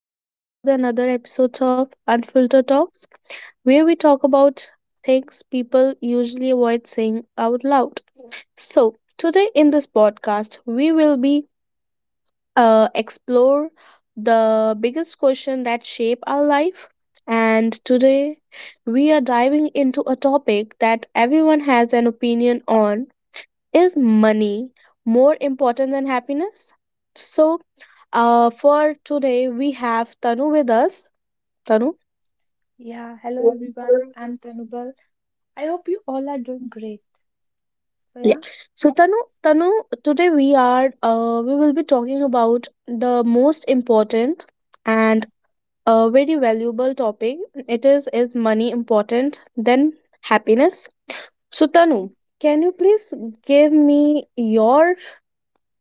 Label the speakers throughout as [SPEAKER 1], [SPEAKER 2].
[SPEAKER 1] Welcome back to the another episodes of Unfiltered Talks, where we talk about things people usually avoid saying out loud. So today in this podcast, we will be explore the biggest question that shape our life. And today, we are diving into a topic that everyone has an opinion on: is money more important than happiness? So for today, we have Tanu with us. Tanu?
[SPEAKER 2] Yeah, hello everyone. I'm Pranubal. I hope you all are doing great. So
[SPEAKER 1] Yeah.
[SPEAKER 2] yeah,
[SPEAKER 1] So Tanu, Tanu, today we are we will be talking about the most important and a very valuable topic. It is money important than happiness. So Tanu, can you please
[SPEAKER 2] Mhm.
[SPEAKER 1] give me your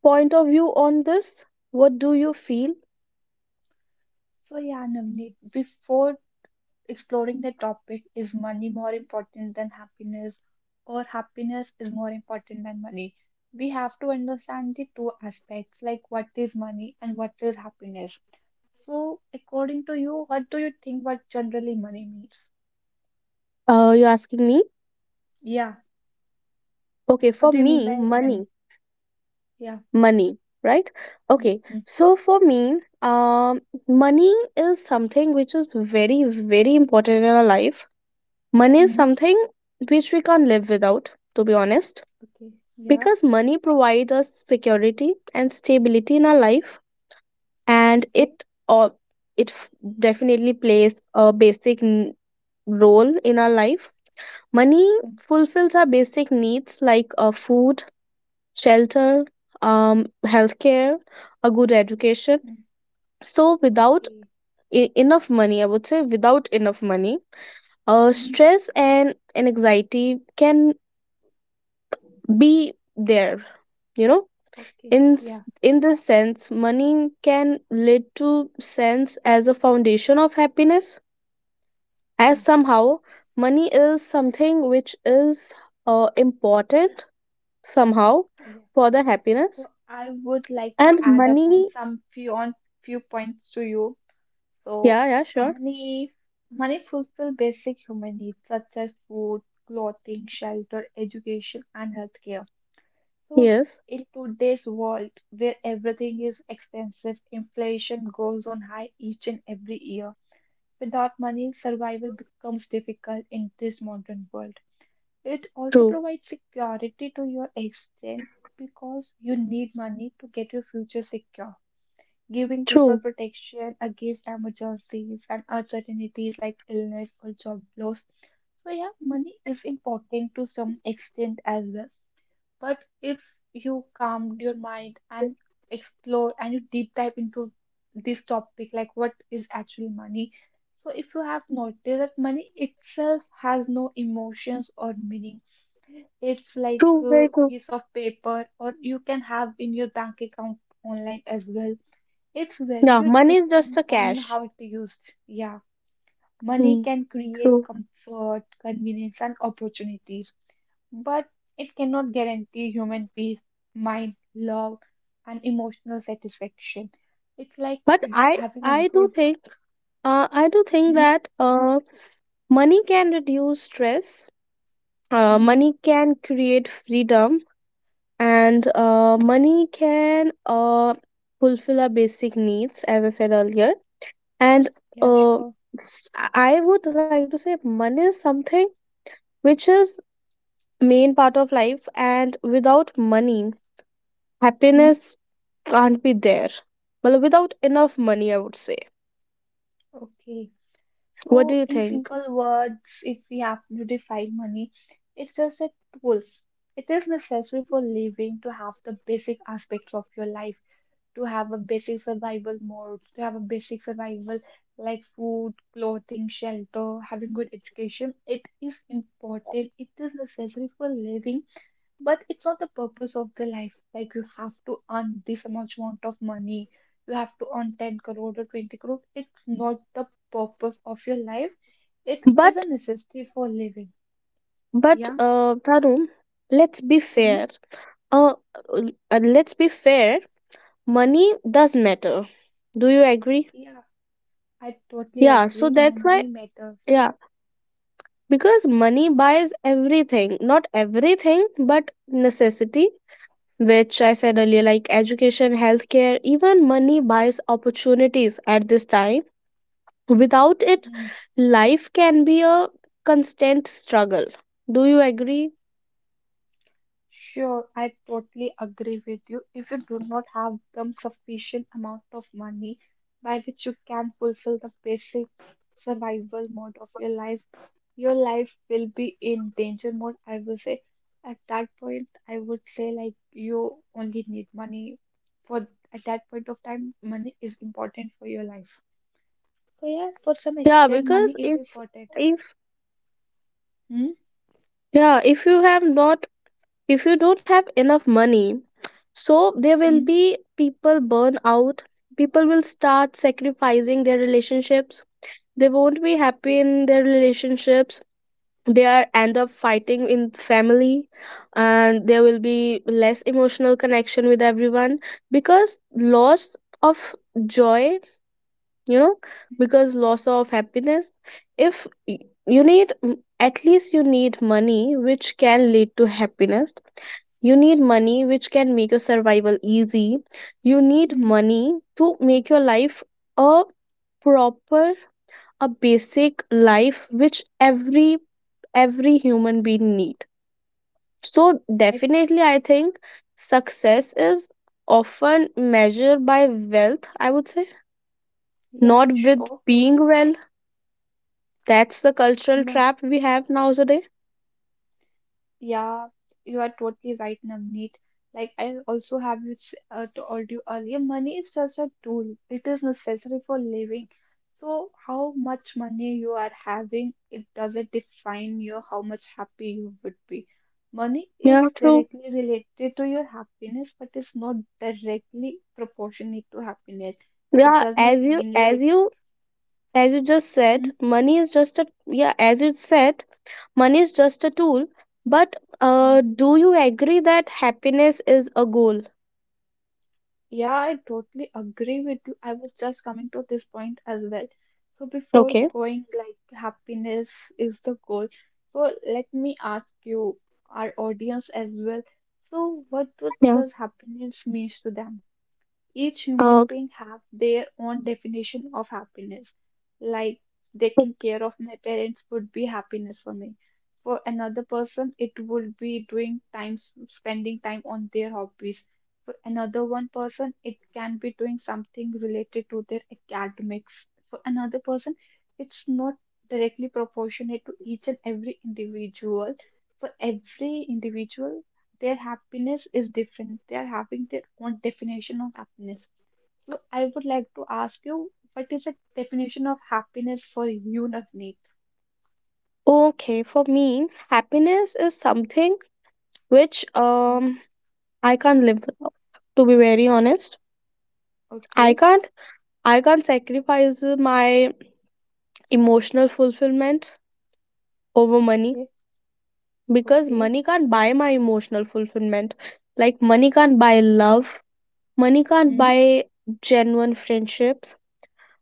[SPEAKER 1] point of view on this? What do you feel?
[SPEAKER 2] so yeah, Navneet. Before exploring the topic, is money more important than happiness, or happiness is more important than money? We have to understand the two aspects, like what is money and what is happiness. So, according to you, what do you think? What generally money means?
[SPEAKER 1] You're asking me.
[SPEAKER 2] Yeah,
[SPEAKER 1] Okay,
[SPEAKER 2] what
[SPEAKER 1] for
[SPEAKER 2] do you mean
[SPEAKER 1] me,
[SPEAKER 2] by money?
[SPEAKER 1] money.
[SPEAKER 2] Yeah.
[SPEAKER 1] money right, okay,
[SPEAKER 2] Mm-hmm.
[SPEAKER 1] so for me, um money is something which is very very important in our life. Money is
[SPEAKER 2] Mm-hmm.
[SPEAKER 1] something which we can't live without, to be honest,
[SPEAKER 2] Okay. Yeah.
[SPEAKER 1] because money provides us security and stability in our life, and
[SPEAKER 2] Okay.
[SPEAKER 1] it or it definitely plays a basic role in our life. Money fulfills our basic needs like food, shelter, um, healthcare, a good education.
[SPEAKER 2] Mm-hmm.
[SPEAKER 1] So without
[SPEAKER 2] Okay.
[SPEAKER 1] e- enough money I would say without enough money,
[SPEAKER 2] Mm,
[SPEAKER 1] stress and anxiety can be there, you know.
[SPEAKER 2] Okay,
[SPEAKER 1] in s-
[SPEAKER 2] yeah,
[SPEAKER 1] in this sense, money can lead to sense as a foundation of happiness. As
[SPEAKER 2] yeah,
[SPEAKER 1] somehow money is something which is, important somehow
[SPEAKER 2] yeah.
[SPEAKER 1] for the happiness.
[SPEAKER 2] So I would like to
[SPEAKER 1] And
[SPEAKER 2] add up
[SPEAKER 1] money,
[SPEAKER 2] on some few on few points to you. So
[SPEAKER 1] yeah yeah sure,
[SPEAKER 2] money, money fulfill basic human needs such as food, clothing, shelter, education, and healthcare. So
[SPEAKER 1] yes,
[SPEAKER 2] in today's world where everything is expensive, inflation goes on high each and every year. Without money, survival becomes difficult in this modern world. It also
[SPEAKER 1] true,
[SPEAKER 2] provides security to your exchange because you need money to get your future secure, giving people
[SPEAKER 1] true,
[SPEAKER 2] protection against emergencies and uncertainties like illness or job loss. So, yeah, money is important to some extent as well. But if you calm your mind and explore and you deep dive into this topic, like what is actually money? So, if you have noticed that money itself has no emotions or meaning, it's like
[SPEAKER 1] true
[SPEAKER 2] a
[SPEAKER 1] very true.
[SPEAKER 2] piece of paper, or you can have in your bank account online as well. Its
[SPEAKER 1] Yeah,
[SPEAKER 2] value
[SPEAKER 1] money is just
[SPEAKER 2] depend
[SPEAKER 1] a
[SPEAKER 2] on
[SPEAKER 1] cash.
[SPEAKER 2] how it used. Yeah, money
[SPEAKER 1] Mm,
[SPEAKER 2] can create
[SPEAKER 1] true.
[SPEAKER 2] comfort, convenience, and opportunities, but it cannot guarantee human peace, mind, love, and emotional satisfaction. It's like
[SPEAKER 1] But
[SPEAKER 2] with
[SPEAKER 1] I
[SPEAKER 2] having a
[SPEAKER 1] I do
[SPEAKER 2] good.
[SPEAKER 1] think, I do think
[SPEAKER 2] Hmm?
[SPEAKER 1] that money can reduce stress.
[SPEAKER 2] Hmm?
[SPEAKER 1] Money can create freedom, and money can, fulfill our basic needs, as I said earlier. And
[SPEAKER 2] Yeah,
[SPEAKER 1] uh,
[SPEAKER 2] sure.
[SPEAKER 1] s- I would like to say money is something which is main part of life, and without money,
[SPEAKER 2] Hmm?
[SPEAKER 1] happiness can't be there. Well, without enough money, I would say.
[SPEAKER 2] Okay.
[SPEAKER 1] What do
[SPEAKER 2] So,
[SPEAKER 1] you
[SPEAKER 2] in
[SPEAKER 1] think?
[SPEAKER 2] simple words, if we have to define money, it's just a tool. It is necessary for living to have the basic aspects of your life, to have a basic survival mode, to have a basic survival like food, clothing, shelter, having good education. It is important. It is necessary for living, but it's not the purpose of the life. Like you have to earn this much amount of money, you have to earn 10 crore or 20 crore. It's not the purpose of your life, it is a
[SPEAKER 1] But
[SPEAKER 2] necessity for living.
[SPEAKER 1] But
[SPEAKER 2] Yeah.
[SPEAKER 1] Tanu, let's be
[SPEAKER 2] Hmm.
[SPEAKER 1] fair. Uh, uh, let's be fair. Money does matter. Do you agree?
[SPEAKER 2] Yeah. I totally
[SPEAKER 1] Yeah. So
[SPEAKER 2] agree.
[SPEAKER 1] that's why.
[SPEAKER 2] Money matters.
[SPEAKER 1] Yeah, because money buys everything. Not everything, but necessity. Which I said earlier, like education, healthcare, even money buys opportunities at this time. Without it,
[SPEAKER 2] Hmm.
[SPEAKER 1] life can be a constant struggle. Do you agree?
[SPEAKER 2] Sure. I totally agree with you. If you do not have the sufficient amount of money by which you can fulfill the basic survival mode of your life will be in danger mode. I would say at that point, I would say like you only need money for at that point of time, money is important for your life. So yeah, for some
[SPEAKER 1] Yeah,
[SPEAKER 2] extent,
[SPEAKER 1] because
[SPEAKER 2] money is
[SPEAKER 1] if
[SPEAKER 2] important.
[SPEAKER 1] if
[SPEAKER 2] Hmm?
[SPEAKER 1] yeah, if you don't have enough money, so there will
[SPEAKER 2] Hmm.
[SPEAKER 1] be people burn out, people will start sacrificing their relationships, they won't be happy in their
[SPEAKER 2] Yeah.
[SPEAKER 1] relationships, they are end up fighting in family, and there will be less emotional connection with everyone because loss of joy, you know, because loss of happiness. If y- You need, mm, at least you need money which can lead to happiness. You need money which can make your survival easy. You need
[SPEAKER 2] Hmm.
[SPEAKER 1] money to make your life a proper, a basic life which every human being need. So
[SPEAKER 2] I
[SPEAKER 1] definitely I think success is often measured by wealth, I would say,
[SPEAKER 2] yeah,
[SPEAKER 1] not with
[SPEAKER 2] sure.
[SPEAKER 1] being well. That's the cultural
[SPEAKER 2] Mm,
[SPEAKER 1] trap we have nowadays.
[SPEAKER 2] Yeah, you are totally right, Navneet. Like I also have this, told you earlier, money is just a tool. It is necessary for living. So how much money you are having, it doesn't define you how much happy you would be. Money
[SPEAKER 1] Yeah,
[SPEAKER 2] is
[SPEAKER 1] true.
[SPEAKER 2] directly related to your happiness, but it's not directly proportionate to happiness. It
[SPEAKER 1] Yeah,
[SPEAKER 2] does not
[SPEAKER 1] as you
[SPEAKER 2] mean
[SPEAKER 1] as
[SPEAKER 2] like
[SPEAKER 1] you as you just said, money is just a, yeah, as you said, money is just a tool. But
[SPEAKER 2] Mm-hmm.
[SPEAKER 1] uh, do you agree that happiness is a goal?
[SPEAKER 2] Yeah, I totally agree with you. I was just coming to this point as well. So before
[SPEAKER 1] Okay.
[SPEAKER 2] going, like happiness is the goal. So let me ask you, our audience as well. So what
[SPEAKER 1] Yeah.
[SPEAKER 2] does happiness means to them? Each human
[SPEAKER 1] Uh,
[SPEAKER 2] being have their own definition of happiness. Like taking care of my parents would be happiness for me. For another person, it would be doing time, spending time on their hobbies. For another one person, it can be doing something related to their academics. For another person, it's not directly proportionate to each and every individual. For every individual, their happiness is different. They are having their own definition of happiness. So I would like to ask you, what is the definition of happiness for you, Navneet?
[SPEAKER 1] Okay, for me, happiness is something which,
[SPEAKER 2] Mhm.
[SPEAKER 1] I can't live without. To be very honest, I
[SPEAKER 2] Okay,
[SPEAKER 1] can't I can't sacrifice my emotional fulfillment over money,
[SPEAKER 2] okay,
[SPEAKER 1] because
[SPEAKER 2] okay,
[SPEAKER 1] money can't buy my emotional fulfillment. Like money can't buy love, money can't
[SPEAKER 2] mm,
[SPEAKER 1] buy genuine friendships.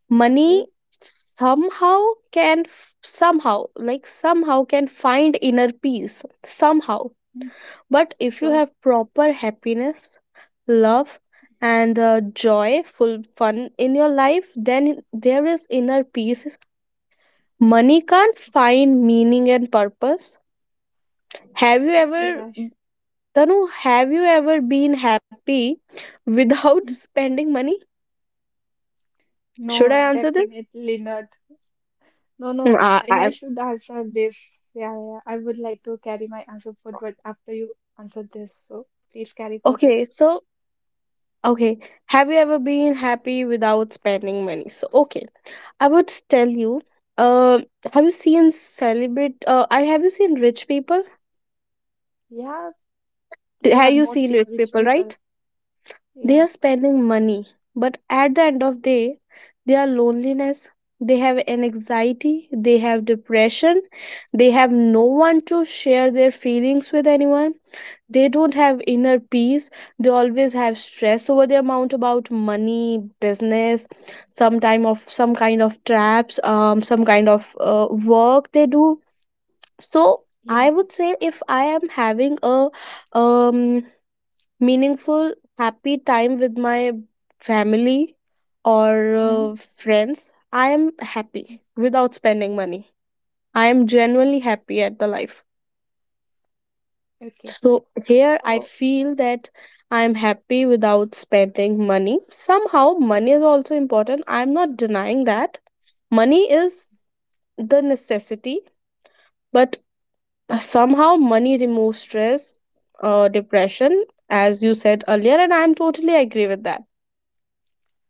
[SPEAKER 1] Money
[SPEAKER 2] okay,
[SPEAKER 1] somehow can, somehow can find inner peace somehow,
[SPEAKER 2] mm,
[SPEAKER 1] but if you
[SPEAKER 2] sure.
[SPEAKER 1] have proper happiness, love, and joy full fun in your life, then there is inner peace. Money can't find meaning and purpose. Have you
[SPEAKER 2] Okay,
[SPEAKER 1] ever
[SPEAKER 2] yeah, sh-
[SPEAKER 1] Tanu, have you ever been happy without
[SPEAKER 2] mm.
[SPEAKER 1] spending money? Should I
[SPEAKER 2] No,
[SPEAKER 1] answer this?
[SPEAKER 2] definitely not. No,
[SPEAKER 1] Mm,
[SPEAKER 2] no,
[SPEAKER 1] I, I,
[SPEAKER 2] I should answer this. Yeah, yeah, I would like to carry my answer forward after you answer this. So please carry forward.
[SPEAKER 1] okay, okay. Have you ever been happy without spending money? So, okay. I would tell you, uh, have you seen rich people?
[SPEAKER 2] Yeah, who
[SPEAKER 1] Have
[SPEAKER 2] have
[SPEAKER 1] you
[SPEAKER 2] not
[SPEAKER 1] seen
[SPEAKER 2] seen
[SPEAKER 1] rich
[SPEAKER 2] rich
[SPEAKER 1] people, right?
[SPEAKER 2] people.
[SPEAKER 1] They
[SPEAKER 2] Yeah,
[SPEAKER 1] are spending money, but at the end of the day, they are loneliness, they have an anxiety, they have depression, they have no one to share their feelings with anyone. They don't have inner peace. They always have stress over the amount about money, business, some time of some kind of traps, some kind of work they do. So
[SPEAKER 2] yeah,
[SPEAKER 1] I
[SPEAKER 2] yeah.
[SPEAKER 1] would say if I am having a, um meaningful, happy time with my family or
[SPEAKER 2] Mm.
[SPEAKER 1] friends, I am happy without spending money. I am genuinely
[SPEAKER 2] Okay,
[SPEAKER 1] happy at the life.
[SPEAKER 2] okay.
[SPEAKER 1] So here I
[SPEAKER 2] So,
[SPEAKER 1] feel that I am happy without spending money. Somehow, money is also important. I am not denying that. Money is the necessity, but somehow, money removes stress, depression, as you said earlier, and I am totally agree with that.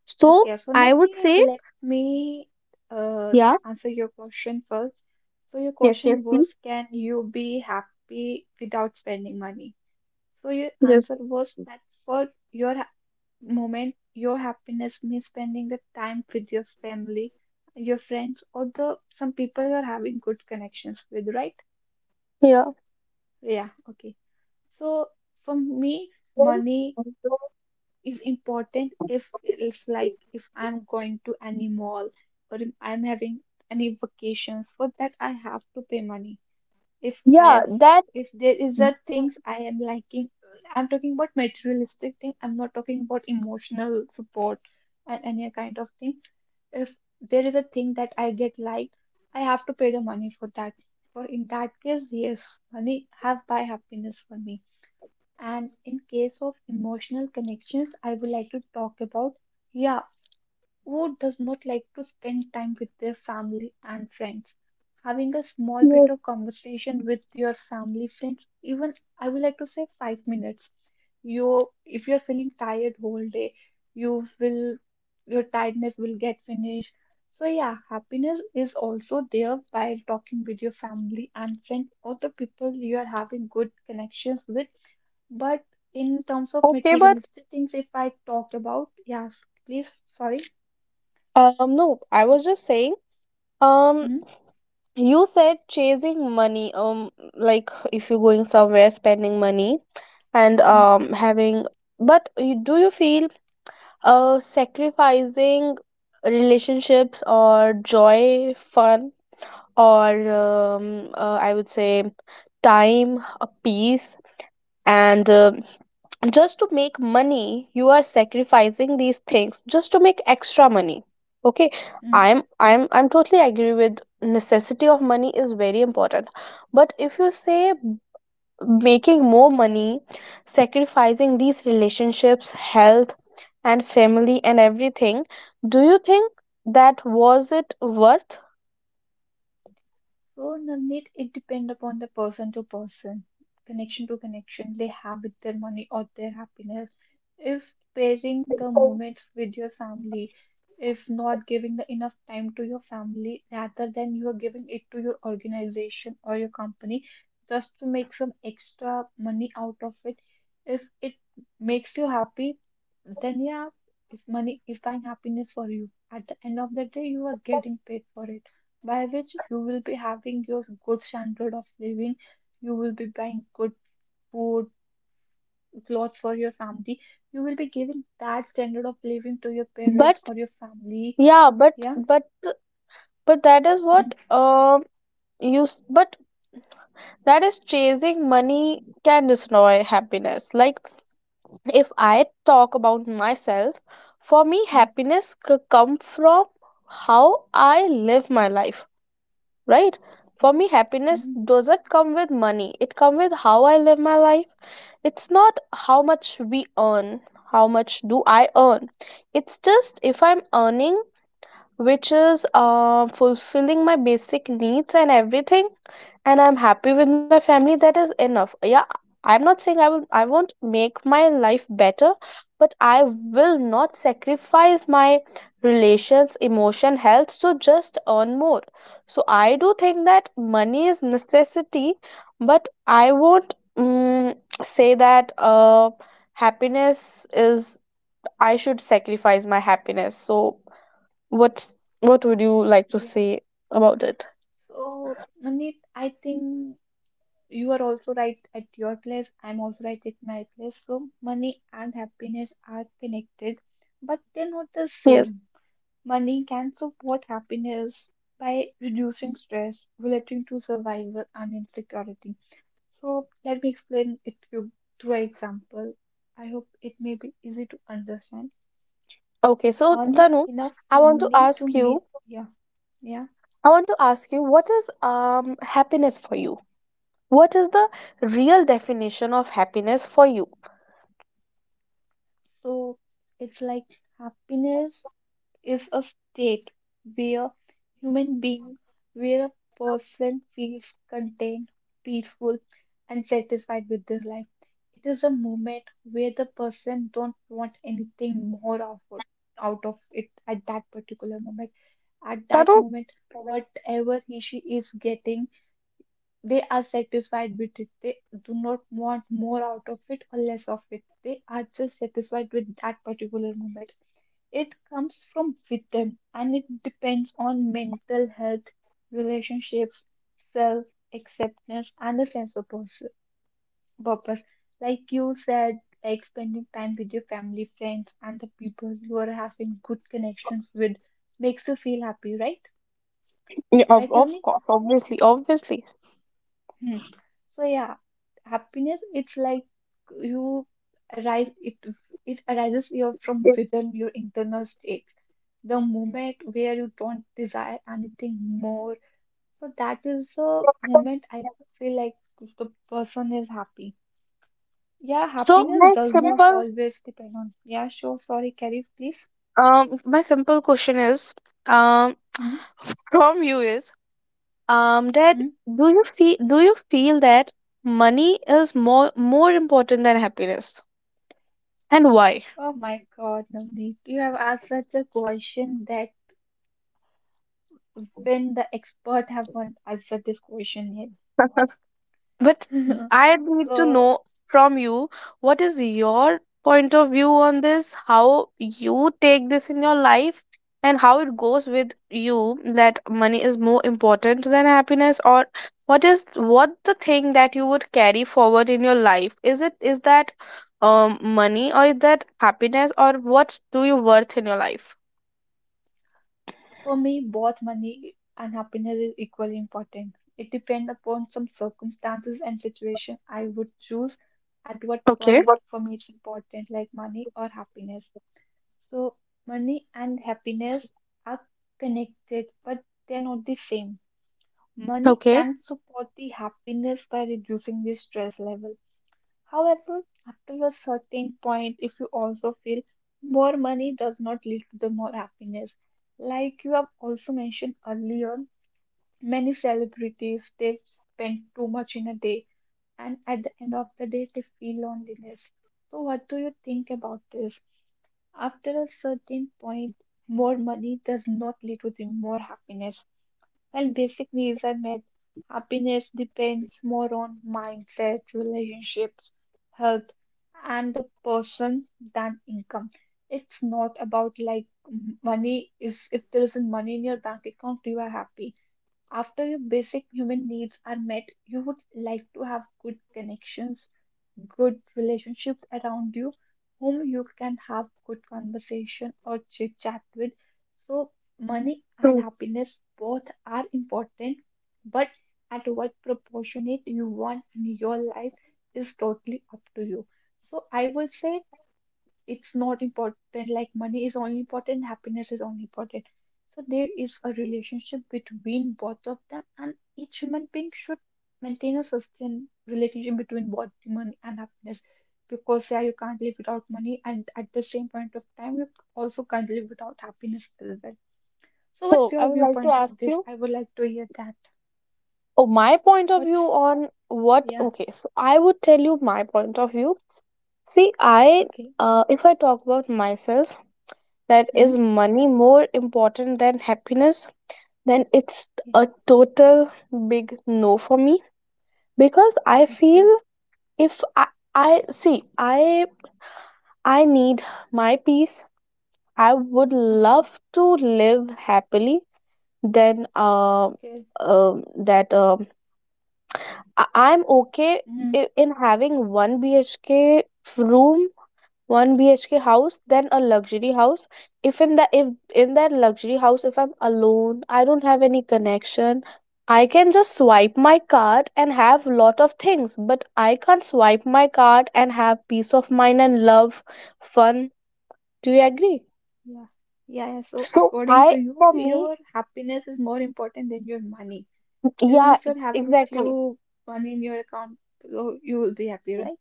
[SPEAKER 1] So
[SPEAKER 2] okay,
[SPEAKER 1] I would
[SPEAKER 2] Sonavneet,
[SPEAKER 1] say,
[SPEAKER 2] let me uh,
[SPEAKER 1] yeah,
[SPEAKER 2] answer your question first. So, your
[SPEAKER 1] yes,
[SPEAKER 2] question
[SPEAKER 1] yes, please.
[SPEAKER 2] was, can you be happy without spending money? So, your
[SPEAKER 1] Yes,
[SPEAKER 2] answer was that for your ha- moment, your happiness means spending the time with your family, your friends, or the some people you're having good connections with, right?
[SPEAKER 1] yeah.
[SPEAKER 2] Yeah, okay. So, for me, money is important if it's like if I'm going to any mall or if I'm having any vacations for that I have to pay money. If I
[SPEAKER 1] Yeah,
[SPEAKER 2] have
[SPEAKER 1] that's
[SPEAKER 2] if there is a things I am liking, I'm talking about materialistic thing, I'm not talking about emotional support and any kind of thing. If there is a thing that I get liked, I have to pay the money for that. For in that case, yes, money have buy happiness for me. And in case of emotional connections, I would like to talk about, yeah, who does not like to spend time with their family and friends? Having a small bit
[SPEAKER 1] yes.
[SPEAKER 2] of conversation with your family, friends, even I would like to say 5 minutes. You, if you're feeling tired whole day, you will, your tiredness will get finished. So yeah, happiness is also there by talking with your family and friends or the people you are having good connections with, but in terms of
[SPEAKER 1] Okay, but
[SPEAKER 2] materialistic things, if I talked about, yes, please, sorry.
[SPEAKER 1] no, I
[SPEAKER 2] Sorry.
[SPEAKER 1] was just saying, um
[SPEAKER 2] Hmm?
[SPEAKER 1] you said chasing money, like if you're going somewhere spending money and having, but do you feel sacrificing relationships or joy, fun, or I would say time, peace, and just to make money you are sacrificing these things just to make extra money. Okay,
[SPEAKER 2] Hmm.
[SPEAKER 1] I'm totally agree with necessity of money is very important, but if you say making more money, sacrificing these relationships, health and family and everything, do you think that was it worth?
[SPEAKER 2] So, Navneet, it depends upon the person to person, connection to connection they have with their money or their happiness. If pairing the moments with your family, if not giving the enough time to your family rather than you are giving it to your organization or your company just to make some extra money out of it, if it makes you happy, then yeah, if money is buying happiness for you, at the end of the day, you are getting paid for it by which you will be having your good standard of living, you will be buying good food, clothes for your family, you will be giving that standard of living to your parents
[SPEAKER 1] But
[SPEAKER 2] or your family.
[SPEAKER 1] Yeah, but
[SPEAKER 2] Yeah.
[SPEAKER 1] but but that is what,
[SPEAKER 2] mm
[SPEAKER 1] um, but that is chasing money can destroy happiness. Like if I talk about myself, for me
[SPEAKER 2] mm,
[SPEAKER 1] happiness come from how I live my life, right? For
[SPEAKER 2] Okay.
[SPEAKER 1] me happiness
[SPEAKER 2] mm
[SPEAKER 1] doesn't come with money, it come with how I live my life. It's not how much we earn, how much do I earn. It's just if I'm earning, which is, fulfilling my basic needs and everything, and I'm happy with my family, that is enough. Yeah, I'm not saying I won't make my life better, but I will not sacrifice my relations, emotion, health, so just earn more. So I do think that money is necessity, but I won't, say that, happiness is, I should sacrifice my happiness. So what's, what
[SPEAKER 2] Yeah.
[SPEAKER 1] would you like to
[SPEAKER 2] Yeah.
[SPEAKER 1] say about it?
[SPEAKER 2] So, Navneet, I think you are also right at your place. I'm also right at my place. So, money and happiness are connected, but they're not the
[SPEAKER 1] Yes.
[SPEAKER 2] same. Money can support happiness by reducing stress relating to survival and insecurity. So let me explain it to you through an example. I hope it may be easy to understand.
[SPEAKER 1] Okay, so
[SPEAKER 2] Earning
[SPEAKER 1] Tanu,
[SPEAKER 2] enough
[SPEAKER 1] i want to
[SPEAKER 2] money to
[SPEAKER 1] ask you
[SPEAKER 2] meet yeah yeah.
[SPEAKER 1] I want to ask you, what is, um, happiness for you? What is the real definition of happiness for you,
[SPEAKER 2] So it's like happiness is a state where human being, where a person feels content, peaceful, and satisfied with their life. It is a moment where the person don't want anything more out of it at that particular moment. At that
[SPEAKER 1] Tanu?
[SPEAKER 2] moment, whatever he she is getting, they are satisfied with it. They do not want more out of it or less of it. They are just satisfied with that particular moment. It comes from within and it depends on mental health, relationships, self acceptance, and a sense of purpose. Like you said, like spending time with your family, friends, and the people you are having good connections with makes you feel happy, right?
[SPEAKER 1] Yeah,
[SPEAKER 2] Right,
[SPEAKER 1] of
[SPEAKER 2] Navneet?
[SPEAKER 1] course, obviously.
[SPEAKER 2] Hmm. So yeah, happiness it's like you arise it it arises your from
[SPEAKER 1] Yeah.
[SPEAKER 2] within your internal state. The moment where you don't desire anything more. So that is the moment I feel like the person is happy. Yeah,
[SPEAKER 1] So
[SPEAKER 2] happiness
[SPEAKER 1] my
[SPEAKER 2] does not
[SPEAKER 1] simple,
[SPEAKER 2] always depend on. Yeah, sure. Sorry, Carrie, please.
[SPEAKER 1] question is, um
[SPEAKER 2] Hmm?
[SPEAKER 1] from you is that
[SPEAKER 2] Hmm?
[SPEAKER 1] do you feel that money is more important than happiness, and why?
[SPEAKER 2] Oh my God, Navneet, you have asked such a question that even the expert have not answered this question yet.
[SPEAKER 1] But I need to
[SPEAKER 2] So
[SPEAKER 1] know from you, what is your point of view on this, how you take this in your life, and how it goes with you, that money is more important than happiness, or what is what the thing that you would carry forward in your life? Is it, is that money, or is that happiness, or what do you worth in your life?
[SPEAKER 2] for me, both money and happiness is equally important. It depends upon some circumstances and situation. I would choose at what
[SPEAKER 1] Okay.
[SPEAKER 2] point for me it's important, like money or happiness. So money and happiness are connected, but they're not the same. Money
[SPEAKER 1] Okay.
[SPEAKER 2] can support the happiness by reducing the stress level. However, after a certain point, if you also feel more money does not lead to the more happiness, like you have also mentioned earlier, many celebrities they spend too much in a day, and at the end of the day, they feel loneliness. So, what do you think about this? After a certain point, more money does not lead to the more happiness. Well, basic reason that happiness depends more on mindset, relationships, health, and the person than income. It's not about like money is if there isn't money in your bank account, you are happy. After your basic human needs are met, you would like to have good connections, good relationships around you whom you can have good conversation or chit chat with. So money
[SPEAKER 1] Hmm.
[SPEAKER 2] and happiness both are important, but at what proportionate you want in your life is totally up to you. So I will say it's not important like money is only important, happiness is only important. So there is a relationship between both of them, and each human being should maintain a sustained relationship between both the money and happiness, because yeah, you can't live without money, and at the same point of time you also can't live without happiness as well. So what's
[SPEAKER 1] So I
[SPEAKER 2] your
[SPEAKER 1] would like to
[SPEAKER 2] viewpoint of
[SPEAKER 1] ask
[SPEAKER 2] this?
[SPEAKER 1] you,
[SPEAKER 2] I would like to hear that.
[SPEAKER 1] oh, my point of view
[SPEAKER 2] What's
[SPEAKER 1] on what?
[SPEAKER 2] Yeah.
[SPEAKER 1] Okay, so I would tell you my point of view. See, I,
[SPEAKER 2] Okay.
[SPEAKER 1] if I talk about myself, that is
[SPEAKER 2] Hmm?
[SPEAKER 1] money more important than happiness, then it's
[SPEAKER 2] Yeah,
[SPEAKER 1] a total big no for me, because I feel
[SPEAKER 2] okay,
[SPEAKER 1] if I, I see, I need my peace. I would
[SPEAKER 2] okay,
[SPEAKER 1] love to live happily. Then,
[SPEAKER 2] okay.
[SPEAKER 1] that I- I'm okay
[SPEAKER 2] Mm.
[SPEAKER 1] in having one BHK room, one BHK house, then a luxury house. If in the if in that luxury house, if I'm alone, I don't have any connection. I can just swipe my card and have lot of things, but I can't swipe my card and have peace of mind and love, fun. Do you agree?
[SPEAKER 2] Yeah. Yeah, yeah. So
[SPEAKER 1] So
[SPEAKER 2] according to
[SPEAKER 1] I,
[SPEAKER 2] you,
[SPEAKER 1] for me,
[SPEAKER 2] your happiness is more important than your money. Even
[SPEAKER 1] yeah,
[SPEAKER 2] if you're having
[SPEAKER 1] exactly.
[SPEAKER 2] few money in your account, so you will be happy, right?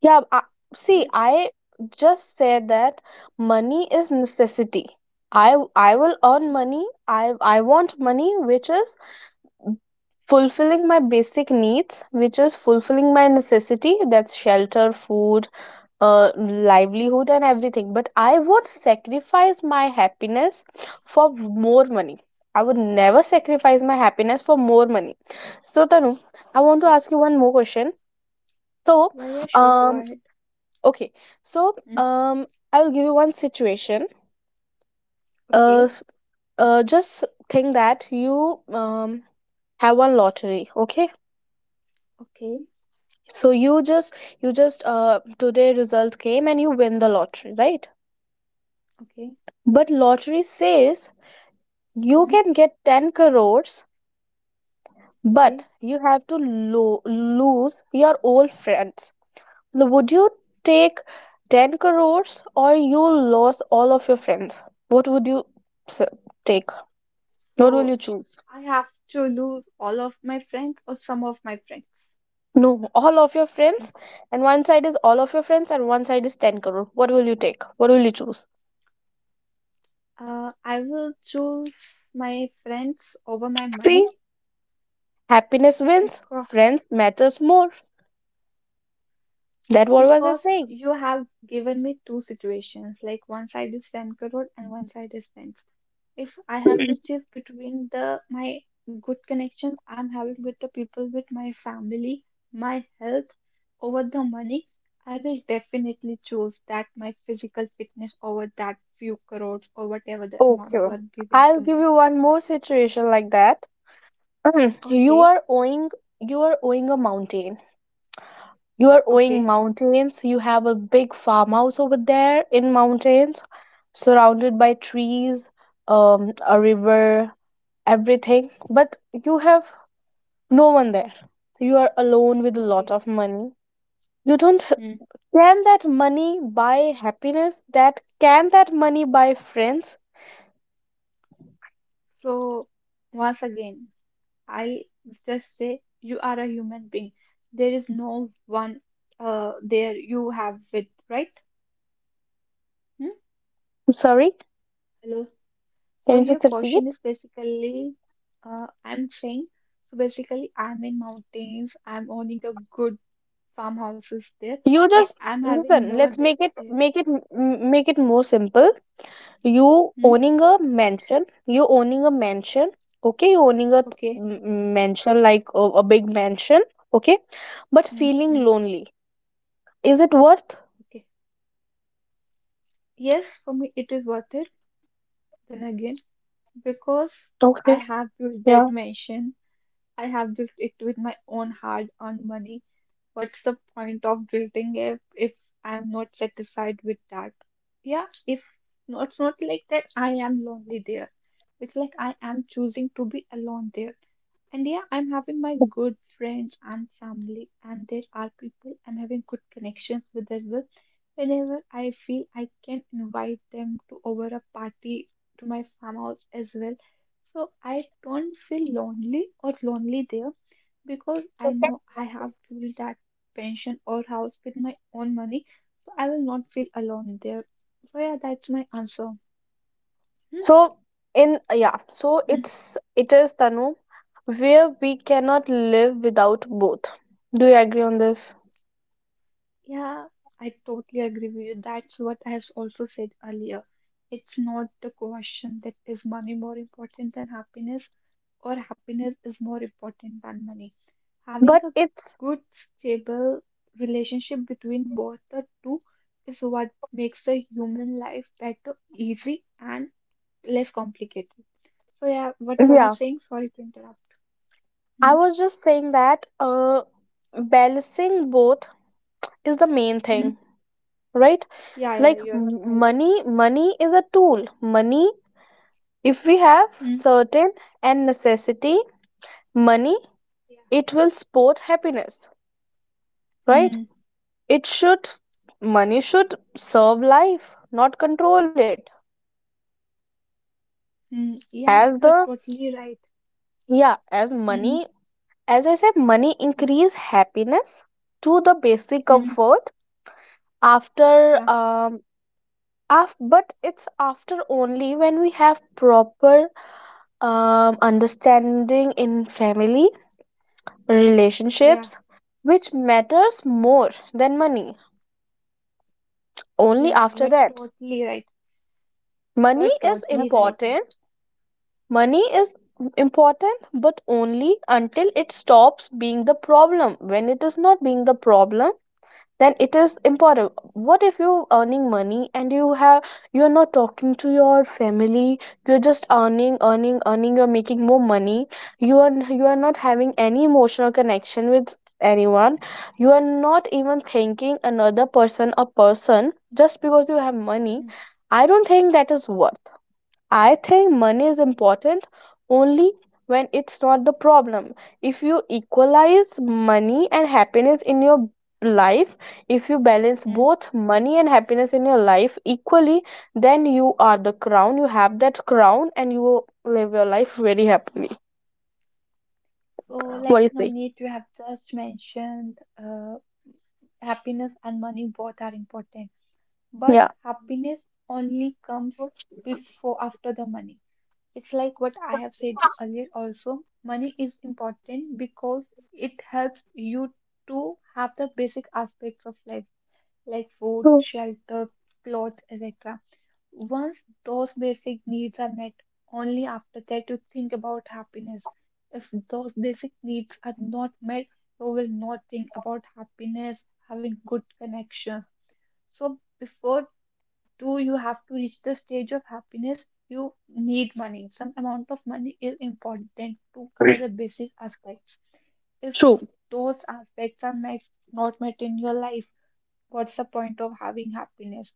[SPEAKER 1] Yeah, I, see,
[SPEAKER 2] Right?
[SPEAKER 1] I just said that money is necessity. I will earn
[SPEAKER 2] Okay.
[SPEAKER 1] money. I want
[SPEAKER 2] Mm.
[SPEAKER 1] money, which is fulfilling my basic needs, which is fulfilling my necessity. That's shelter, food, livelihood, and everything. But I would sacrifice my happiness for more money. I would never sacrifice my happiness for more money. So Tanu, I want to
[SPEAKER 2] Okay.
[SPEAKER 1] ask you one more question. So,
[SPEAKER 2] Yeah, yeah, sure, go
[SPEAKER 1] um,
[SPEAKER 2] ahead.
[SPEAKER 1] okay, so
[SPEAKER 2] Mm.
[SPEAKER 1] I will give you one situation. Uh,
[SPEAKER 2] Okay.
[SPEAKER 1] s- just think that you, have one lottery. Okay,
[SPEAKER 2] Okay.
[SPEAKER 1] so you just today result came and you win the lottery, right?
[SPEAKER 2] Okay.
[SPEAKER 1] But lottery says you
[SPEAKER 2] Mm.
[SPEAKER 1] can get 10 crores,
[SPEAKER 2] Okay.
[SPEAKER 1] but you have to lose your old friends. Now, would you take 10 crores or you lost all of your friends? What would you s- take? What will
[SPEAKER 2] So
[SPEAKER 1] you choose?
[SPEAKER 2] I have to lose all of my friends or some of my friends?
[SPEAKER 1] No, all of your
[SPEAKER 2] Mm.
[SPEAKER 1] friends, and one side is all of your friends, and one side is 10 crore. What will you take? What will you choose?
[SPEAKER 2] I will choose my friends over my money
[SPEAKER 1] See, happiness wins,
[SPEAKER 2] because.
[SPEAKER 1] friends matters more. That what was I
[SPEAKER 2] Because
[SPEAKER 1] saying?
[SPEAKER 2] you have given me two situations, like one side is 10 crore and one side is friends. If I have to choose between the my good connection I'm having with the people, with my family, my health over the money, I will definitely choose that my physical fitness over that few crores or whatever the amount
[SPEAKER 1] Okay,
[SPEAKER 2] you are giving to
[SPEAKER 1] I'll give
[SPEAKER 2] me.
[SPEAKER 1] you one more situation like that. you
[SPEAKER 2] Okay,
[SPEAKER 1] are owing, you are owing a mountain. You are owing
[SPEAKER 2] okay,
[SPEAKER 1] mountains. You have a big farmhouse over there in mountains, surrounded by trees, a river, everything. But you have no one there. You are alone with a
[SPEAKER 2] okay.
[SPEAKER 1] lot of money. You don't
[SPEAKER 2] Hmm.
[SPEAKER 1] Can that money buy happiness? That can that money buy friends?
[SPEAKER 2] So, once again, I'll just say you are a human being. There is no one, there you have with, right? Hmm?
[SPEAKER 1] I'm sorry,
[SPEAKER 2] Hello. So
[SPEAKER 1] can you
[SPEAKER 2] your
[SPEAKER 1] just repeat?
[SPEAKER 2] question is basically, I'm saying, so basically I'm in mountains, I'm owning a good farmhouses there,
[SPEAKER 1] You
[SPEAKER 2] but
[SPEAKER 1] just
[SPEAKER 2] I'm having no
[SPEAKER 1] listen.
[SPEAKER 2] one
[SPEAKER 1] Let's
[SPEAKER 2] there. there.
[SPEAKER 1] make it more simple. You
[SPEAKER 2] Hmm?
[SPEAKER 1] owning a mansion. You owning a mansion. Okay, you owning a th-
[SPEAKER 2] Okay.
[SPEAKER 1] m- mansion like a big mansion. Okay, but
[SPEAKER 2] Hmm,
[SPEAKER 1] feeling
[SPEAKER 2] hmm,
[SPEAKER 1] lonely. Is it worth?
[SPEAKER 2] okay. Yes, for me it is worth it. Then again, because I
[SPEAKER 1] Okay.
[SPEAKER 2] have built that
[SPEAKER 1] Yeah.
[SPEAKER 2] mansion, I have built it with my own hard-earned money. What's the point of building it if I'm not satisfied with that? Yeah, if no, it's not like that I am lonely there. It's like I am choosing to be alone there. And yeah, I'm having my good friends and family, and there are people I'm having good connections with as well. Whenever I feel, I can invite them to over a party to my farmhouse as well. So I don't feel lonely or lonely there, because I know I have built that pension or house with my own money, so I will not feel alone there. So yeah, that's my answer. Hmm,
[SPEAKER 1] So so
[SPEAKER 2] hmm.
[SPEAKER 1] it's it is Tanu where we cannot live without both. Do you agree on this?
[SPEAKER 2] Yeah, I totally agree with you. That's what I have also said earlier. It's not the question that is money more important than happiness or happiness is more important than money. Having
[SPEAKER 1] But
[SPEAKER 2] a
[SPEAKER 1] it's
[SPEAKER 2] good, stable relationship between both the two is what makes the human life better, easy, and less complicated. So yeah, what were you
[SPEAKER 1] Yeah.
[SPEAKER 2] saying? Sorry to interrupt.
[SPEAKER 1] I
[SPEAKER 2] Hmm,
[SPEAKER 1] was just saying that balancing both is the main
[SPEAKER 2] hmm.
[SPEAKER 1] thing, right?
[SPEAKER 2] Yeah, yeah,
[SPEAKER 1] Like
[SPEAKER 2] you're
[SPEAKER 1] m-
[SPEAKER 2] right.
[SPEAKER 1] money money is a tool. Money if we have
[SPEAKER 2] Hmm.
[SPEAKER 1] certain and necessity money
[SPEAKER 2] Yeah,
[SPEAKER 1] it will support happiness,
[SPEAKER 2] yeah.
[SPEAKER 1] right?
[SPEAKER 2] Hmm,
[SPEAKER 1] It should Money should serve life, not control it
[SPEAKER 2] hmm, yeah,
[SPEAKER 1] as
[SPEAKER 2] you're
[SPEAKER 1] the
[SPEAKER 2] totally right.
[SPEAKER 1] yeah as
[SPEAKER 2] Hmm,
[SPEAKER 1] money as I said money increase happiness to the basic
[SPEAKER 2] hmm.
[SPEAKER 1] comfort after
[SPEAKER 2] Yeah,
[SPEAKER 1] um but it's after only when we have proper understanding in family
[SPEAKER 2] yeah,
[SPEAKER 1] relationships which matters more than money only
[SPEAKER 2] yeah,
[SPEAKER 1] after
[SPEAKER 2] you're
[SPEAKER 1] that
[SPEAKER 2] totally right.
[SPEAKER 1] money
[SPEAKER 2] You're
[SPEAKER 1] is
[SPEAKER 2] totally right.
[SPEAKER 1] important money is important but only until it stops being the problem. When it is not being the problem then it is important. What if you earning money and you have you're not talking to your family, you're just earning, you're making more money, you are not having any emotional connection with anyone, you are not even thinking another person a person just because you have money.
[SPEAKER 2] Hmm.
[SPEAKER 1] I don't think that is worth. I think money is
[SPEAKER 2] Okay.
[SPEAKER 1] important only when it's not the problem. If you equalize money and happiness in your life, if you balance
[SPEAKER 2] Hmm.
[SPEAKER 1] both money and happiness in your life equally, then you are the crown. You have that crown and you live your life very happily.
[SPEAKER 2] So,
[SPEAKER 1] What do
[SPEAKER 2] like
[SPEAKER 1] you say?
[SPEAKER 2] Navneet, you have just mentioned, happiness and money both are important, but
[SPEAKER 1] Yeah.
[SPEAKER 2] happiness only comes before after the money. It's like what I have said you earlier also. Money is important because it helps you to have the basic aspects of life, like food,
[SPEAKER 1] True.
[SPEAKER 2] shelter, clothes, etc. Once those basic needs are met, only after that you think about happiness. If those basic needs are not met, you will not think about happiness, having good connections. So before do you have to reach the stage of happiness, you need money. Some amount of money is important to cover the basic aspects. If
[SPEAKER 1] True.
[SPEAKER 2] those aspects not met in your life, what's the point of having happiness?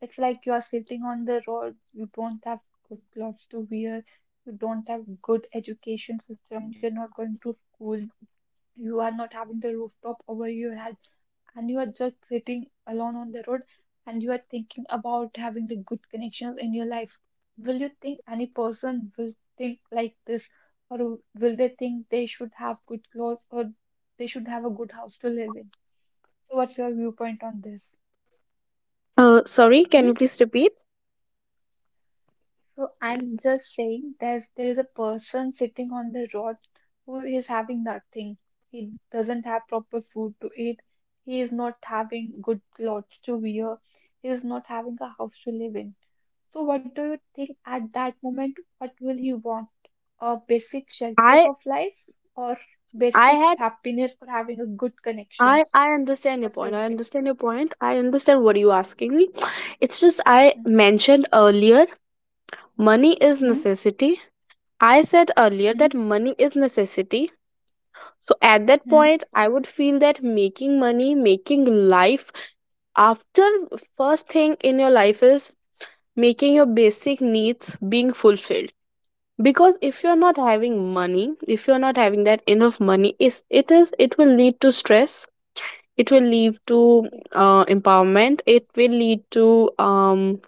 [SPEAKER 2] It's like you're sitting on the road, you don't have good clothes to wear, you don't have good education system, you're not going to school, you are not having the rooftop over your head, and you are just sitting alone on the road, and you are thinking about having the good connections in your life. Will you think any person will think like this, or will they think they should have good clothes or they should have a good house to live in? So, what's your viewpoint on this?
[SPEAKER 1] Sorry, can you
[SPEAKER 2] Hmm?
[SPEAKER 1] please repeat?
[SPEAKER 2] So I'm just saying, there is a person sitting on the road who is having nothing. He doesn't have proper food to eat. He is not having good clothes to wear. He is not having a house to live in. So what do you think at that moment? What will he want? Basic shelters
[SPEAKER 1] I
[SPEAKER 2] of life, or
[SPEAKER 1] I
[SPEAKER 2] basic
[SPEAKER 1] had
[SPEAKER 2] happiness, or having a good
[SPEAKER 1] I
[SPEAKER 2] connections?
[SPEAKER 1] I understand your
[SPEAKER 2] What
[SPEAKER 1] point.
[SPEAKER 2] will
[SPEAKER 1] I
[SPEAKER 2] it?
[SPEAKER 1] understand your point. I understand what you're asking me. It's just I
[SPEAKER 2] Mm-hmm.
[SPEAKER 1] mentioned earlier money is necessity. I said earlier
[SPEAKER 2] Mm-hmm.
[SPEAKER 1] that money is necessity. So at that
[SPEAKER 2] Mm-hmm.
[SPEAKER 1] point I would feel that making life after first thing in your life is making your basic needs being fulfilled, because if you're not
[SPEAKER 2] Okay.
[SPEAKER 1] having money, if you're not having that enough money, is it will lead to stress, it will lead to
[SPEAKER 2] Okay.
[SPEAKER 1] empowerment, it will lead to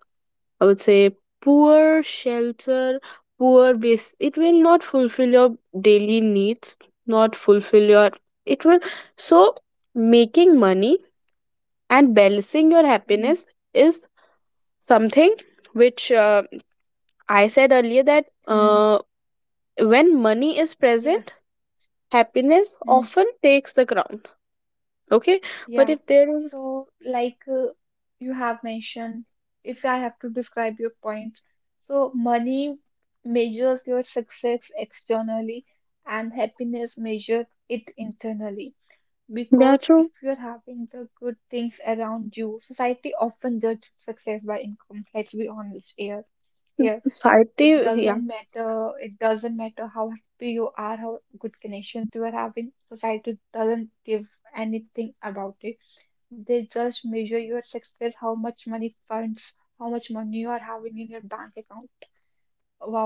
[SPEAKER 1] I would say poor shelter, poor base. It will not fulfill your daily needs, not fulfill your it will so making money and balancing your
[SPEAKER 2] Mm-hmm.
[SPEAKER 1] happiness is something which I said earlier that
[SPEAKER 2] Mm-hmm.
[SPEAKER 1] uh, when money is
[SPEAKER 2] Yeah.
[SPEAKER 1] present happiness
[SPEAKER 2] Mm-hmm.
[SPEAKER 1] often takes the crown. Okay, but
[SPEAKER 2] Yeah.
[SPEAKER 1] if there is
[SPEAKER 2] So, like, you have mentioned, if I have to describe your point, so money measures your success externally and happiness measures it internally.
[SPEAKER 1] yeah
[SPEAKER 2] Because if
[SPEAKER 1] true
[SPEAKER 2] you're having the good things around you, society often judges success by income. Let's be honest here. Here, it
[SPEAKER 1] society yeah,
[SPEAKER 2] doesn't matter. It doesn't matter how happy you are, how good connections you are having. Society doesn't give anything about it. They just measure your success, how much money you are having in your bank account.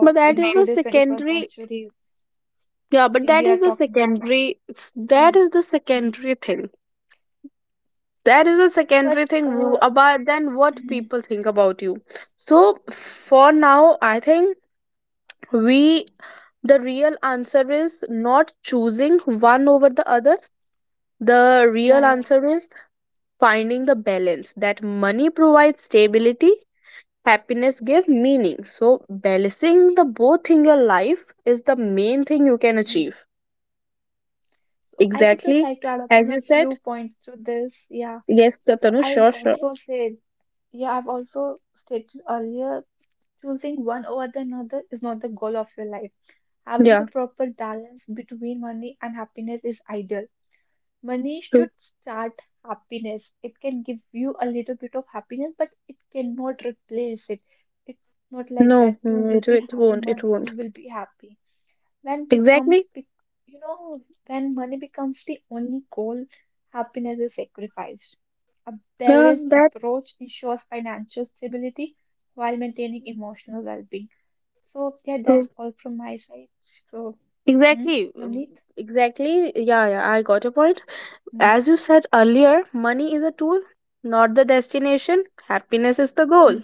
[SPEAKER 1] but that
[SPEAKER 2] in
[SPEAKER 1] is the
[SPEAKER 2] today's 21st
[SPEAKER 1] secondary.
[SPEAKER 2] century,
[SPEAKER 1] Yeah, but that
[SPEAKER 2] we
[SPEAKER 1] is
[SPEAKER 2] are
[SPEAKER 1] the
[SPEAKER 2] talking about.
[SPEAKER 1] secondary. That
[SPEAKER 2] Mm,
[SPEAKER 1] is the
[SPEAKER 2] mm.
[SPEAKER 1] secondary thing. That is the
[SPEAKER 2] But,
[SPEAKER 1] secondary thing
[SPEAKER 2] uh,
[SPEAKER 1] about then what
[SPEAKER 2] mm,
[SPEAKER 1] people think about you. So for now, I think we the real answer is not choosing one over the other. The real
[SPEAKER 2] yeah, yeah.
[SPEAKER 1] answer is finding the balance, that money provides
[SPEAKER 2] So,
[SPEAKER 1] stability, happiness give meaning. So balancing the both in your life is the main thing you can
[SPEAKER 2] mm.
[SPEAKER 1] achieve.
[SPEAKER 2] So I would just
[SPEAKER 1] Exactly.
[SPEAKER 2] like to add upon
[SPEAKER 1] As
[SPEAKER 2] a
[SPEAKER 1] you said,
[SPEAKER 2] few points to this. Yeah.
[SPEAKER 1] yes,
[SPEAKER 2] So
[SPEAKER 1] Tanu,
[SPEAKER 2] I've
[SPEAKER 1] sure, sure.
[SPEAKER 2] also said, yeah, I've also stated earlier, choosing one over the another is not the goal of your life. Having the
[SPEAKER 1] Yeah,
[SPEAKER 2] proper balance between money and happiness is ideal. Money should
[SPEAKER 1] true.
[SPEAKER 2] start happiness. It can give you a little bit of happiness, but it cannot replace it. It's not like that
[SPEAKER 1] No,
[SPEAKER 2] you
[SPEAKER 1] mm,
[SPEAKER 2] will be
[SPEAKER 1] it
[SPEAKER 2] having
[SPEAKER 1] won't, it
[SPEAKER 2] money, you
[SPEAKER 1] won't.
[SPEAKER 2] will be happy. When becomes, bec-
[SPEAKER 1] Exactly.
[SPEAKER 2] you know, when money becomes the only goal, happiness is sacrificed. A
[SPEAKER 1] Yeah,
[SPEAKER 2] balanced
[SPEAKER 1] that's
[SPEAKER 2] approach ensures financial stability while maintaining emotional well-being. So yeah, that's
[SPEAKER 1] true.
[SPEAKER 2] all from my side. So, hmm,
[SPEAKER 1] Exactly. Mm.
[SPEAKER 2] Navneet?
[SPEAKER 1] Exactly. Yeah, yeah, I got your point.
[SPEAKER 2] Hmm,
[SPEAKER 1] As you said earlier, money is a tool, not the destination. Happiness is the goal.
[SPEAKER 2] hmm,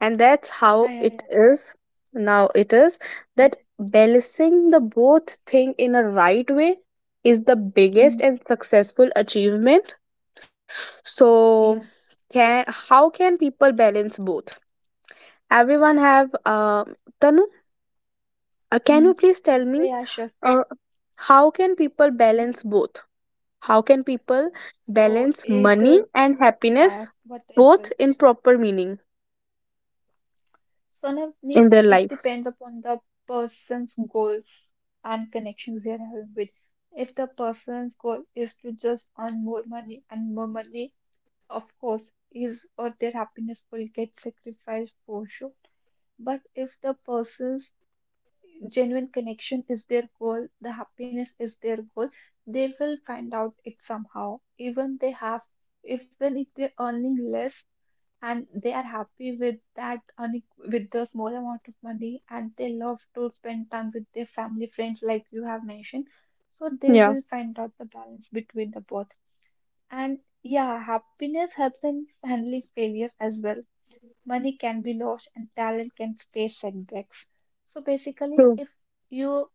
[SPEAKER 1] And that's how
[SPEAKER 2] yeah, yeah, yeah.
[SPEAKER 1] it is. Now it is
[SPEAKER 2] Hmm,
[SPEAKER 1] that balancing the both thing in a right way is the biggest
[SPEAKER 2] hmm.
[SPEAKER 1] and successful achievement. So
[SPEAKER 2] Yeah.
[SPEAKER 1] can how can people balance both everyone have Tanu can
[SPEAKER 2] Hmm.
[SPEAKER 1] you please tell
[SPEAKER 2] So
[SPEAKER 1] me
[SPEAKER 2] yeah, sure.
[SPEAKER 1] uh, how can people
[SPEAKER 2] Hmm.
[SPEAKER 1] balance both, how can people
[SPEAKER 2] So
[SPEAKER 1] balance
[SPEAKER 2] it,
[SPEAKER 1] money and
[SPEAKER 2] yeah,
[SPEAKER 1] happiness
[SPEAKER 2] what
[SPEAKER 1] both in
[SPEAKER 2] interest.
[SPEAKER 1] proper meaning
[SPEAKER 2] So now it
[SPEAKER 1] in their
[SPEAKER 2] it
[SPEAKER 1] life?
[SPEAKER 2] depends upon the person's goals and connections they are having with. If the person's goal is to just earn more money and more money, of course, his or their happiness will get sacrificed for sure. But if the person's genuine connection is their goal, the happiness is their goal, they will find out it somehow. Even if they're earning less and they are happy with that, earning with the small amount of money, and they love to spend time with their family, friends, like you have mentioned. So they
[SPEAKER 1] Yeah,
[SPEAKER 2] will find out the balance between the both. And yeah, happiness helps in handling failures as well. Money can be lost and talent can face setbacks. So basically,
[SPEAKER 1] true.
[SPEAKER 2] if you,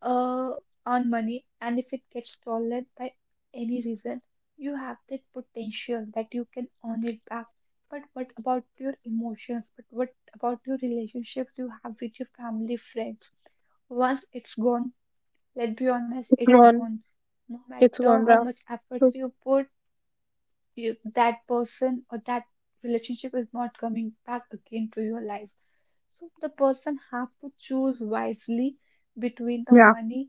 [SPEAKER 2] uh, on money, and if it gets stolen by any reason, you have that potential that you can earn it back. But what about your emotions? But what about your relationships you have with your family, friends? Once it's gone, let's be honest,
[SPEAKER 1] It's
[SPEAKER 2] it's
[SPEAKER 1] gone.
[SPEAKER 2] gone. No
[SPEAKER 1] It's
[SPEAKER 2] matter
[SPEAKER 1] gone,
[SPEAKER 2] how
[SPEAKER 1] Ra.
[SPEAKER 2] much efforts
[SPEAKER 1] True.
[SPEAKER 2] you put, that person or that relationship is not coming back again to your life. So the person has to choose wisely between the
[SPEAKER 1] Yeah,
[SPEAKER 2] money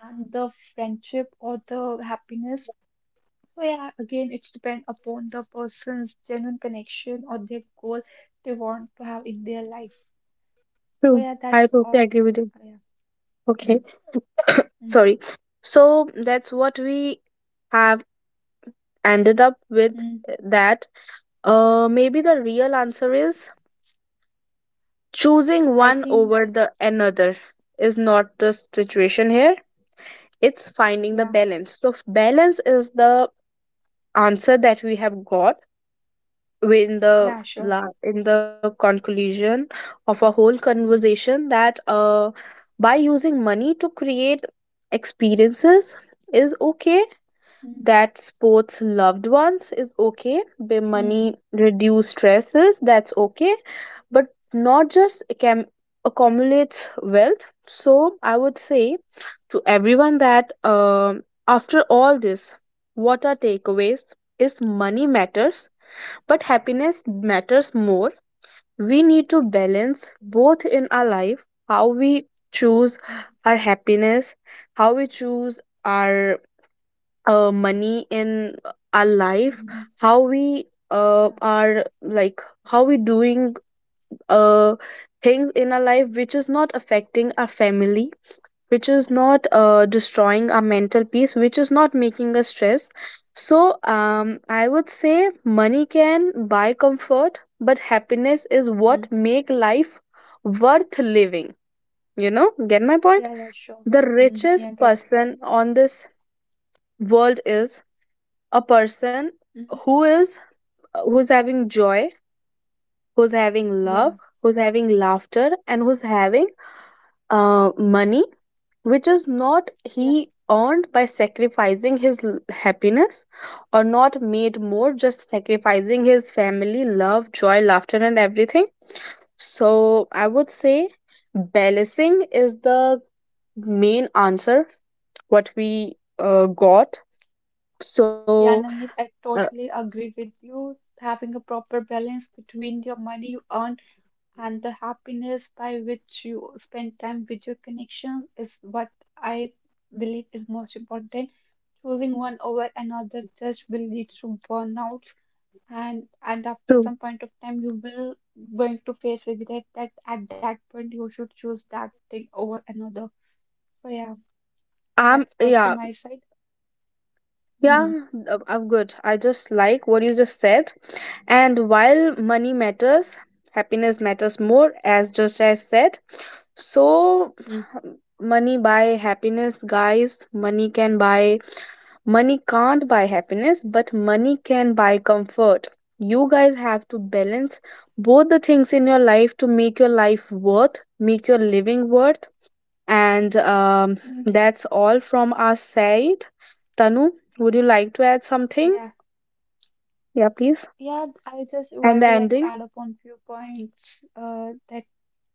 [SPEAKER 2] and the friendship or the happiness. So yeah, again, it's depend upon the person's genuine connection or their goal they want to have in their life. So
[SPEAKER 1] true.
[SPEAKER 2] yeah,
[SPEAKER 1] I
[SPEAKER 2] that's
[SPEAKER 1] totally
[SPEAKER 2] all.
[SPEAKER 1] agree with you.
[SPEAKER 2] Yeah. Mm,
[SPEAKER 1] Okay.
[SPEAKER 2] mm,
[SPEAKER 1] Sorry, so that's what we have ended up with
[SPEAKER 2] mm.
[SPEAKER 1] eh, that
[SPEAKER 2] Yeah.
[SPEAKER 1] Maybe the real answer is choosing
[SPEAKER 2] I
[SPEAKER 1] one
[SPEAKER 2] think
[SPEAKER 1] over
[SPEAKER 2] the,
[SPEAKER 1] the another is not the situation here. It's finding the
[SPEAKER 2] yeah,
[SPEAKER 1] balance. So balance is the answer that we have got in the
[SPEAKER 2] yeah, sure.
[SPEAKER 1] in the conclusion of a whole
[SPEAKER 2] Mm,
[SPEAKER 1] conversation, that by using money to create experiences is okay,
[SPEAKER 2] mm,
[SPEAKER 1] that sports loved ones is okay, the money
[SPEAKER 2] mm,
[SPEAKER 1] reduce stresses, that's okay, but not just accumulates wealth. So I would say to everyone that after all this, what are takeaways is money matters but happiness matters more. We need to balance both in our life. How we choose
[SPEAKER 2] mm,
[SPEAKER 1] our happiness, how we choose our money in our life,
[SPEAKER 2] mm.
[SPEAKER 1] how we
[SPEAKER 2] Yeah.
[SPEAKER 1] are like how we doing uh, things in our life which is not affecting our family, which is not destroying our mental peace, which is not making us stress. So I would say money can buy comfort but happiness is what
[SPEAKER 2] Mm.
[SPEAKER 1] make life worth living. You know, get my point?
[SPEAKER 2] Yeah, yeah, sure.
[SPEAKER 1] The
[SPEAKER 2] Mm,
[SPEAKER 1] richest
[SPEAKER 2] yeah, getting it.
[SPEAKER 1] person
[SPEAKER 2] Okay.
[SPEAKER 1] on this world is a person
[SPEAKER 2] Mm,
[SPEAKER 1] who is who's having joy, who's having love,
[SPEAKER 2] yeah,
[SPEAKER 1] who's having laughter, and who's having money which is not
[SPEAKER 2] yeah.
[SPEAKER 1] he earned by sacrificing his happiness, or not made more just sacrificing his family, love, joy, laughter, and everything. So I would say balancing is the main answer what we got. So
[SPEAKER 2] Yeah, Navneet, I
[SPEAKER 1] uh,
[SPEAKER 2] totally agree with you. Having a proper balance between your money you earn and the happiness by which you spend time with your connection is what I believe is most important. Choosing one over another just will lead to burnouts, and after
[SPEAKER 1] true.
[SPEAKER 2] some point of time, you will going to face regret that at that point you should choose that thing over another. So yeah, that's all from
[SPEAKER 1] Yeah.
[SPEAKER 2] my side.
[SPEAKER 1] Yeah,
[SPEAKER 2] Hmm.
[SPEAKER 1] I'm good. I just like what you just said. And while money matters, happiness matters more, as just as said. So,
[SPEAKER 2] Hmm.
[SPEAKER 1] money buy happiness, guys. Money can't buy happiness, but money can buy comfort. You guys have to balance both the things in your life to make your life worth, make your living worth. And
[SPEAKER 2] Hmm.
[SPEAKER 1] that's all from our side. Tanu, would you like to add something?
[SPEAKER 2] Yeah.
[SPEAKER 1] Yeah, please.
[SPEAKER 2] Yeah, I just
[SPEAKER 1] And
[SPEAKER 2] I
[SPEAKER 1] the
[SPEAKER 2] would like to
[SPEAKER 1] ending?
[SPEAKER 2] add upon few points, that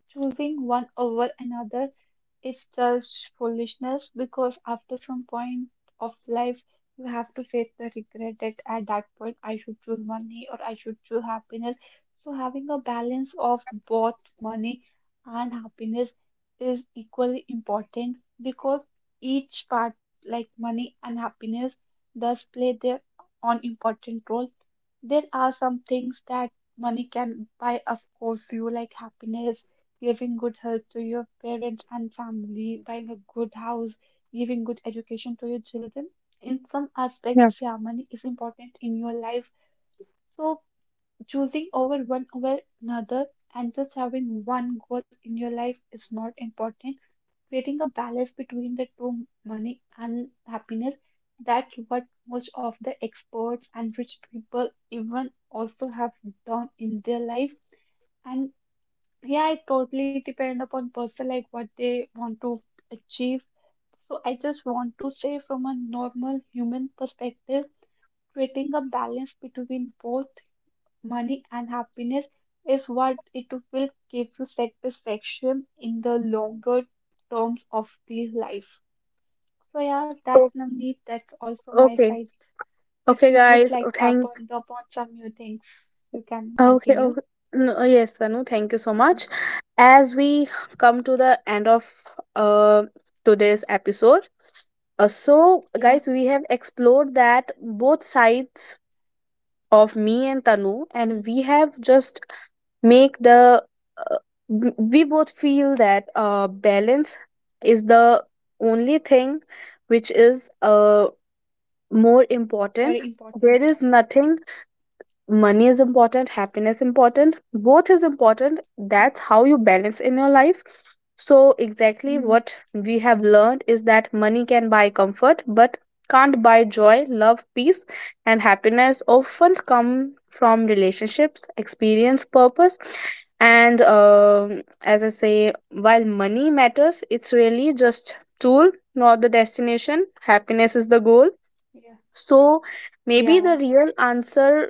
[SPEAKER 2] choosing one over another is just foolishness, because after some point of life you have to face the regret that at that point I should choose money or I should choose happiness. So having a balance of both money and happiness is equally important, because each part like money and happiness does play their own important role. There are some things that money can buy, of course, you like happiness, giving good health to your parents and family, buying a good house, giving good education to your children. In some
[SPEAKER 1] Yeah.
[SPEAKER 2] aspects, yeah, money is important in your life. So choosing over one over another and just having one goal in your life is not important. Creating a balance between the two, money and happiness, that's what most of the experts and rich people even also have done in their life. And yeah, it totally depends upon person, like what they want to achieve. So I just want to say, from a normal human perspective, creating a balance between both money and happiness is what it will give you satisfaction in the longer terms of the life. So yeah, that's,
[SPEAKER 1] Oh,
[SPEAKER 2] Navneet, that's all from my
[SPEAKER 1] okay.
[SPEAKER 2] side. If
[SPEAKER 1] Okay,
[SPEAKER 2] you would
[SPEAKER 1] guys. Oh,
[SPEAKER 2] like to add
[SPEAKER 1] thank.
[SPEAKER 2] on top on some new things, you can
[SPEAKER 1] Okay.
[SPEAKER 2] continue.
[SPEAKER 1] Okay. No, oh, yes, Tanu. Thank you so
[SPEAKER 2] Mm.
[SPEAKER 1] much. As we come to the end of uh, today's episode, so
[SPEAKER 2] Yeah,
[SPEAKER 1] guys, we have explored that both sides of me and Tanu, and
[SPEAKER 2] mm,
[SPEAKER 1] we have just make the uh, we both feel that balance is the only thing which is more important.
[SPEAKER 2] very important.
[SPEAKER 1] There is nothing. Money is important, happiness important, both is important,
[SPEAKER 2] Mm,
[SPEAKER 1] that's how you balance in your life. So exactly
[SPEAKER 2] mm.
[SPEAKER 1] what we have learned is that money can buy comfort but can't buy joy, love, peace, and happiness often come from relationships, experience, purpose. And as I say, while money matters, it's really just tool, not the destination. Happiness is the goal.
[SPEAKER 2] Yeah,
[SPEAKER 1] So maybe the
[SPEAKER 2] yeah.
[SPEAKER 1] real answer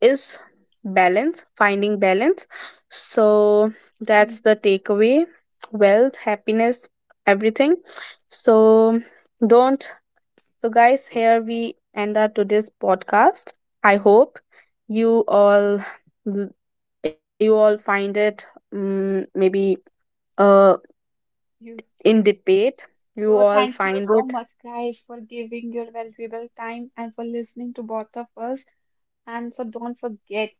[SPEAKER 1] is balance, finding balance. So
[SPEAKER 2] Mm.
[SPEAKER 1] that's the takeaway, wealth, happiness, everything. So don't, so guys, here we end our today's podcast. I hope you all you all find it mm maybe uh
[SPEAKER 2] You.
[SPEAKER 1] in debate you
[SPEAKER 2] So
[SPEAKER 1] all
[SPEAKER 2] thank you
[SPEAKER 1] find
[SPEAKER 2] so
[SPEAKER 1] it.
[SPEAKER 2] much, guys, for giving your valuable time and for listening to both of us. And so don't forget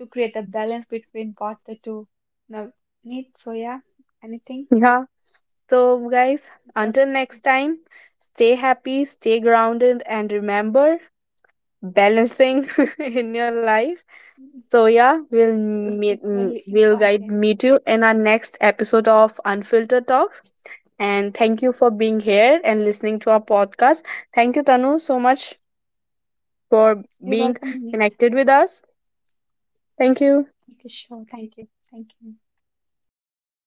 [SPEAKER 2] to create a balance between both the two, Navneet. So yeah, anything,
[SPEAKER 1] Yeah, so guys,
[SPEAKER 2] but
[SPEAKER 1] until next time, stay happy, stay grounded, and remember balancing in your life.
[SPEAKER 2] mm,
[SPEAKER 1] So yeah, we'll
[SPEAKER 2] is
[SPEAKER 1] meet mm,
[SPEAKER 2] equally
[SPEAKER 1] we'll guide
[SPEAKER 2] important.
[SPEAKER 1] meet you in our next episode of Unfiltered Talks. And thank you for being here and listening to our podcast. Thank you, Tanu, so much for
[SPEAKER 2] You're
[SPEAKER 1] being
[SPEAKER 2] welcome, Navneet.
[SPEAKER 1] connected with us. Thank you.
[SPEAKER 2] Thank you, sure. Thank you. Thank you.